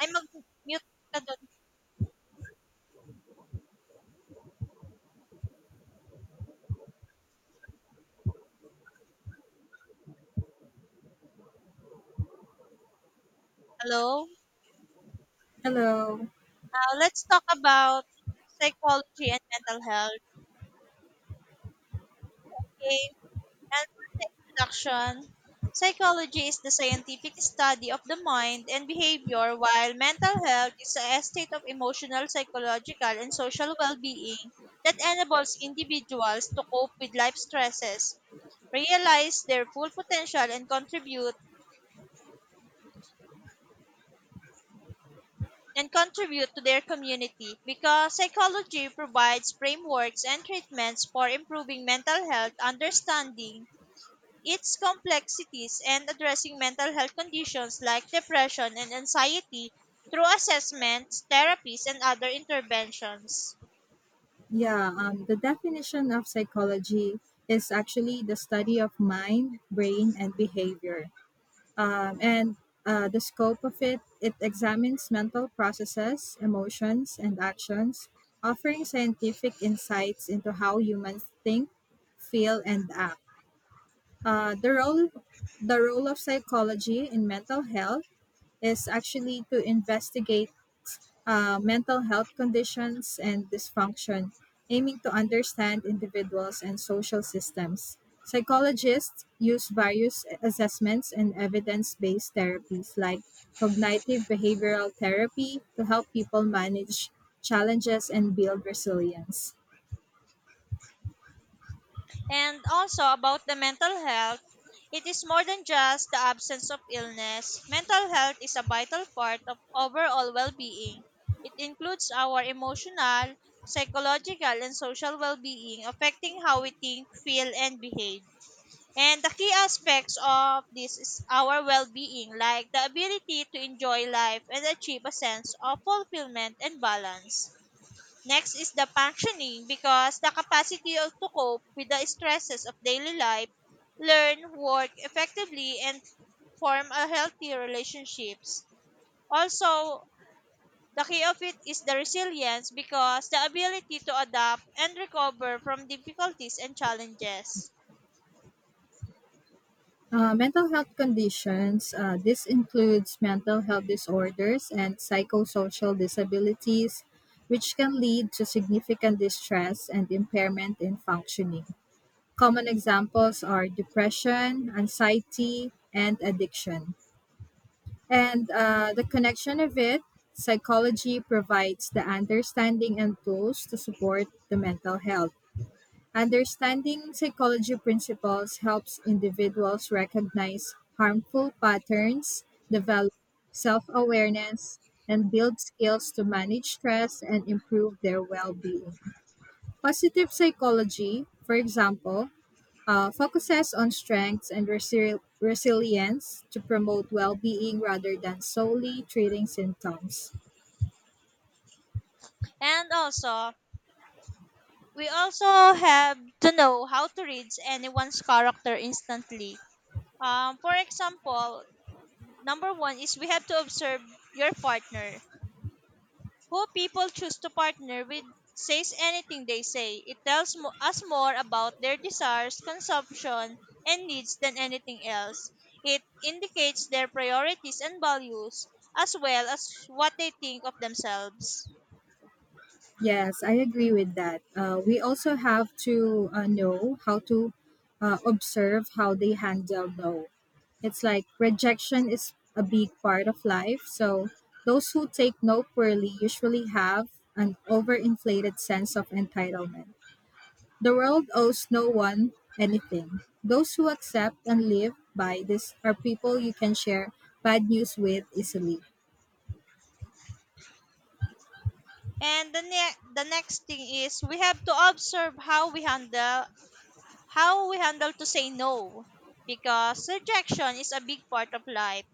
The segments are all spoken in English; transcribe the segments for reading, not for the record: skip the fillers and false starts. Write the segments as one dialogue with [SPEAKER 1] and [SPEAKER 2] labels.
[SPEAKER 1] Ay, mag-mute ka dun. Hello?
[SPEAKER 2] Hello.
[SPEAKER 1] Let's talk about psychology and mental health. Okay? And for the introduction, psychology is the scientific study of the mind and behavior, while mental health is a state of emotional, psychological, and social well-being that enables individuals to cope with life stresses, realize their full potential, and contribute to their community, because psychology provides frameworks and treatments for improving mental health, understanding its complexities, and addressing mental health conditions like depression and anxiety through assessments, therapies, and other interventions.
[SPEAKER 2] Yeah, the definition of psychology is actually the study of mind, brain, and behavior. And the scope of it examines mental processes, emotions, and actions, offering scientific insights into how humans think, feel, and act. Uh, the role the role of psychology in mental health is actually to investigate mental health conditions and dysfunction, aiming to understand individuals and social systems. Psychologists use various assessments and evidence based therapies like cognitive behavioral therapy to help people manage challenges and build resilience.
[SPEAKER 1] And also, about the mental health, it is more than just the absence of illness. Mental health is a vital part of overall well being. It includes our emotional, psychological, and social well being, affecting how we think, feel, and behave. And the key aspects of this is our well being, like the ability to enjoy life and achieve a sense of fulfillment and balance. Next is the functioning, because the capacity to cope with the stresses of daily life, learn, work effectively, and form a healthy relationships. Also, the key of it is the resilience, because the ability to adapt and recover from difficulties and challenges.
[SPEAKER 2] Mental health conditions. This includes mental health disorders and psychosocial disabilities, which can lead to significant distress and impairment in functioning. Common examples are depression, anxiety, and addiction. And the connection of it, psychology provides the understanding and tools to support the mental health. Understanding psychology principles helps individuals recognize harmful patterns, develop self awareness, and build skills to manage stress and improve their well being. Positive psychology, for example, focuses on strengths and resilience to promote well being rather than solely treating symptoms.
[SPEAKER 1] And also, we also have to know how to read anyone's character instantly. For example, number one is we have to observe your partner. Who people choose to partner with says anything they say. It tells us more about their desires, consumption, and needs than anything else. It indicates their priorities and values, as well as what they think of themselves.
[SPEAKER 2] Yes, I agree with that. We also have to know how to observe how they handle no. It's like rejection is a big part of life. So those who take no poorly usually have an overinflated sense of entitlement. The world owes no one anything. Those who accept and live by this are people you can share bad news with easily.
[SPEAKER 1] And the next thing is we have to observe how we handle, how we handle to say no, because rejection is a big part of life.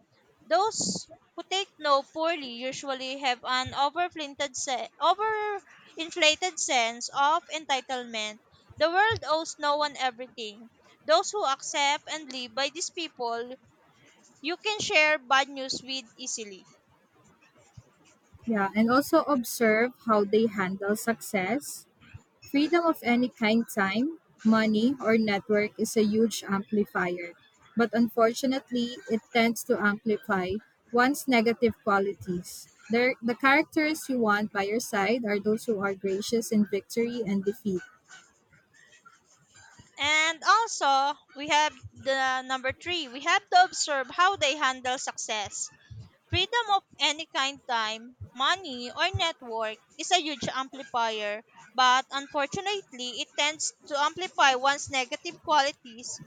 [SPEAKER 1] Those who take no poorly usually have an overinflated sense of entitlement. The world owes no one everything. Those who accept and live by these people, you can share bad news with easily.
[SPEAKER 2] Yeah, and also observe how they handle success. Freedom of any kind, time, money, or network is a huge amplifier, but unfortunately, it tends to amplify one's negative qualities. There, the characters you want by your side are those who are gracious in victory and defeat.
[SPEAKER 1] And also, we have the number three. We have to observe how they handle success. Freedom of any kind, time, money, or network is a huge amplifier, but unfortunately, it tends to amplify one's negative qualities.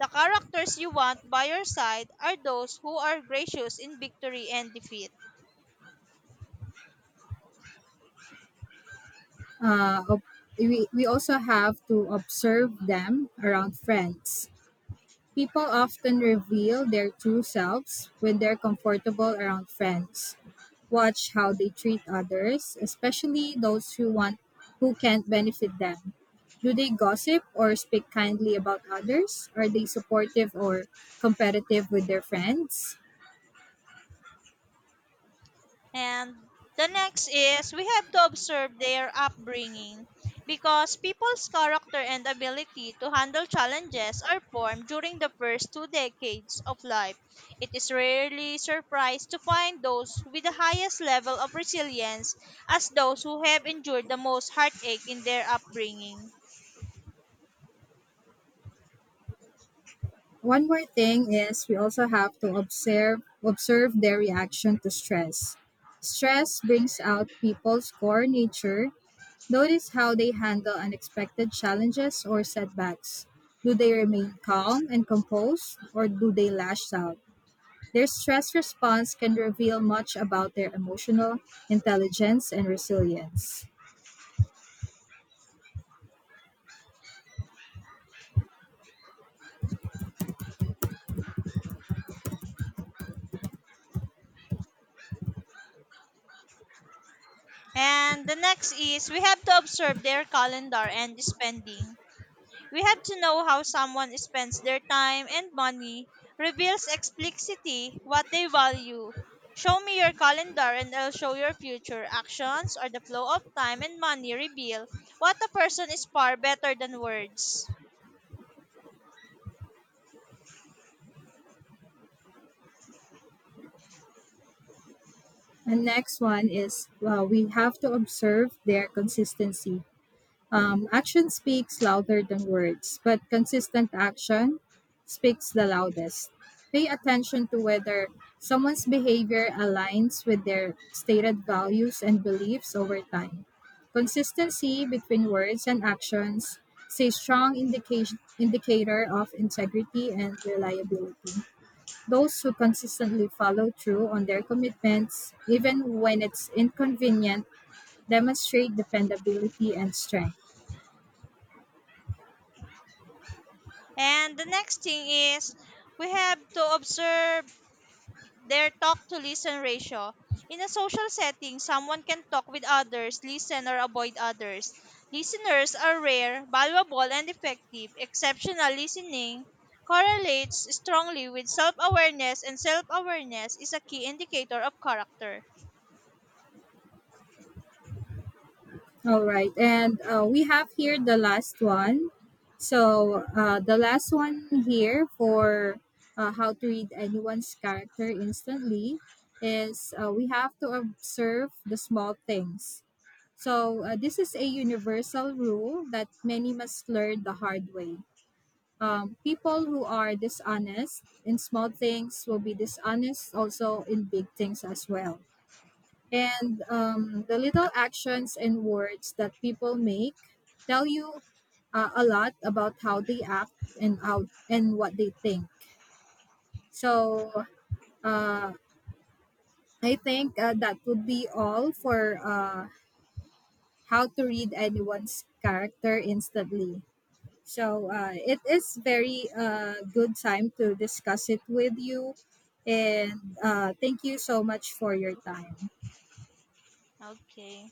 [SPEAKER 1] The characters you want by your side are those who are gracious in victory and defeat.
[SPEAKER 2] Uh, ob- we also have to observe them around friends. People often reveal their true selves when they're comfortable around friends. Watch how they treat others, especially those who want who can't benefit them. Do they gossip or speak kindly about others? Are they supportive or competitive with their friends?
[SPEAKER 1] And the next is we have to observe their upbringing, because people's character and ability to handle challenges are formed during the first two decades of life. It is rarely surprised to find those with the highest level of resilience as those who have endured the most heartache in their upbringing.
[SPEAKER 2] One more thing is we also have to observe their reaction to stress. Stress brings out people's core nature. Notice how they handle unexpected challenges or setbacks. Do they remain calm and composed, or do they lash out? Their stress response can reveal much about their emotional intelligence and resilience.
[SPEAKER 1] And the next is we have to observe their calendar and spending. We have to know how someone spends their time and money, reveals explicitly what they value. Show me your calendar and I'll show your future actions, or the flow of time and money reveal what a person is far better than words.
[SPEAKER 2] And next one is well, we have to observe their consistency. Action speaks louder than words, but consistent action speaks the loudest. Pay attention to whether someone's behavior aligns with their stated values and beliefs over time. Consistency between words and actions is a strong indication, indicator of integrity and reliability. Those who consistently follow through on their commitments, even when it's inconvenient, demonstrate dependability and strength.
[SPEAKER 1] And the next thing is we have to observe their talk to listen ratio. In a social setting, someone can talk with others, listen, or avoid others. Listeners are rare, valuable, and effective. Exceptional listening correlates strongly with self awareness, and self awareness is a key indicator of character.
[SPEAKER 2] All right. And we have here the last one. The last one here for how to read anyone's character instantly is we have to observe the small things. So, this is a universal rule that many must learn the hard way. People who are dishonest in small things will be dishonest also in big things as well. And the little actions and words that people make tell you a lot about how they act and how and what they think. So uh, I think that would be all for how to read anyone's character instantly. So it is very good time to discuss it with you, and thank you so much for your time.
[SPEAKER 1] Okay.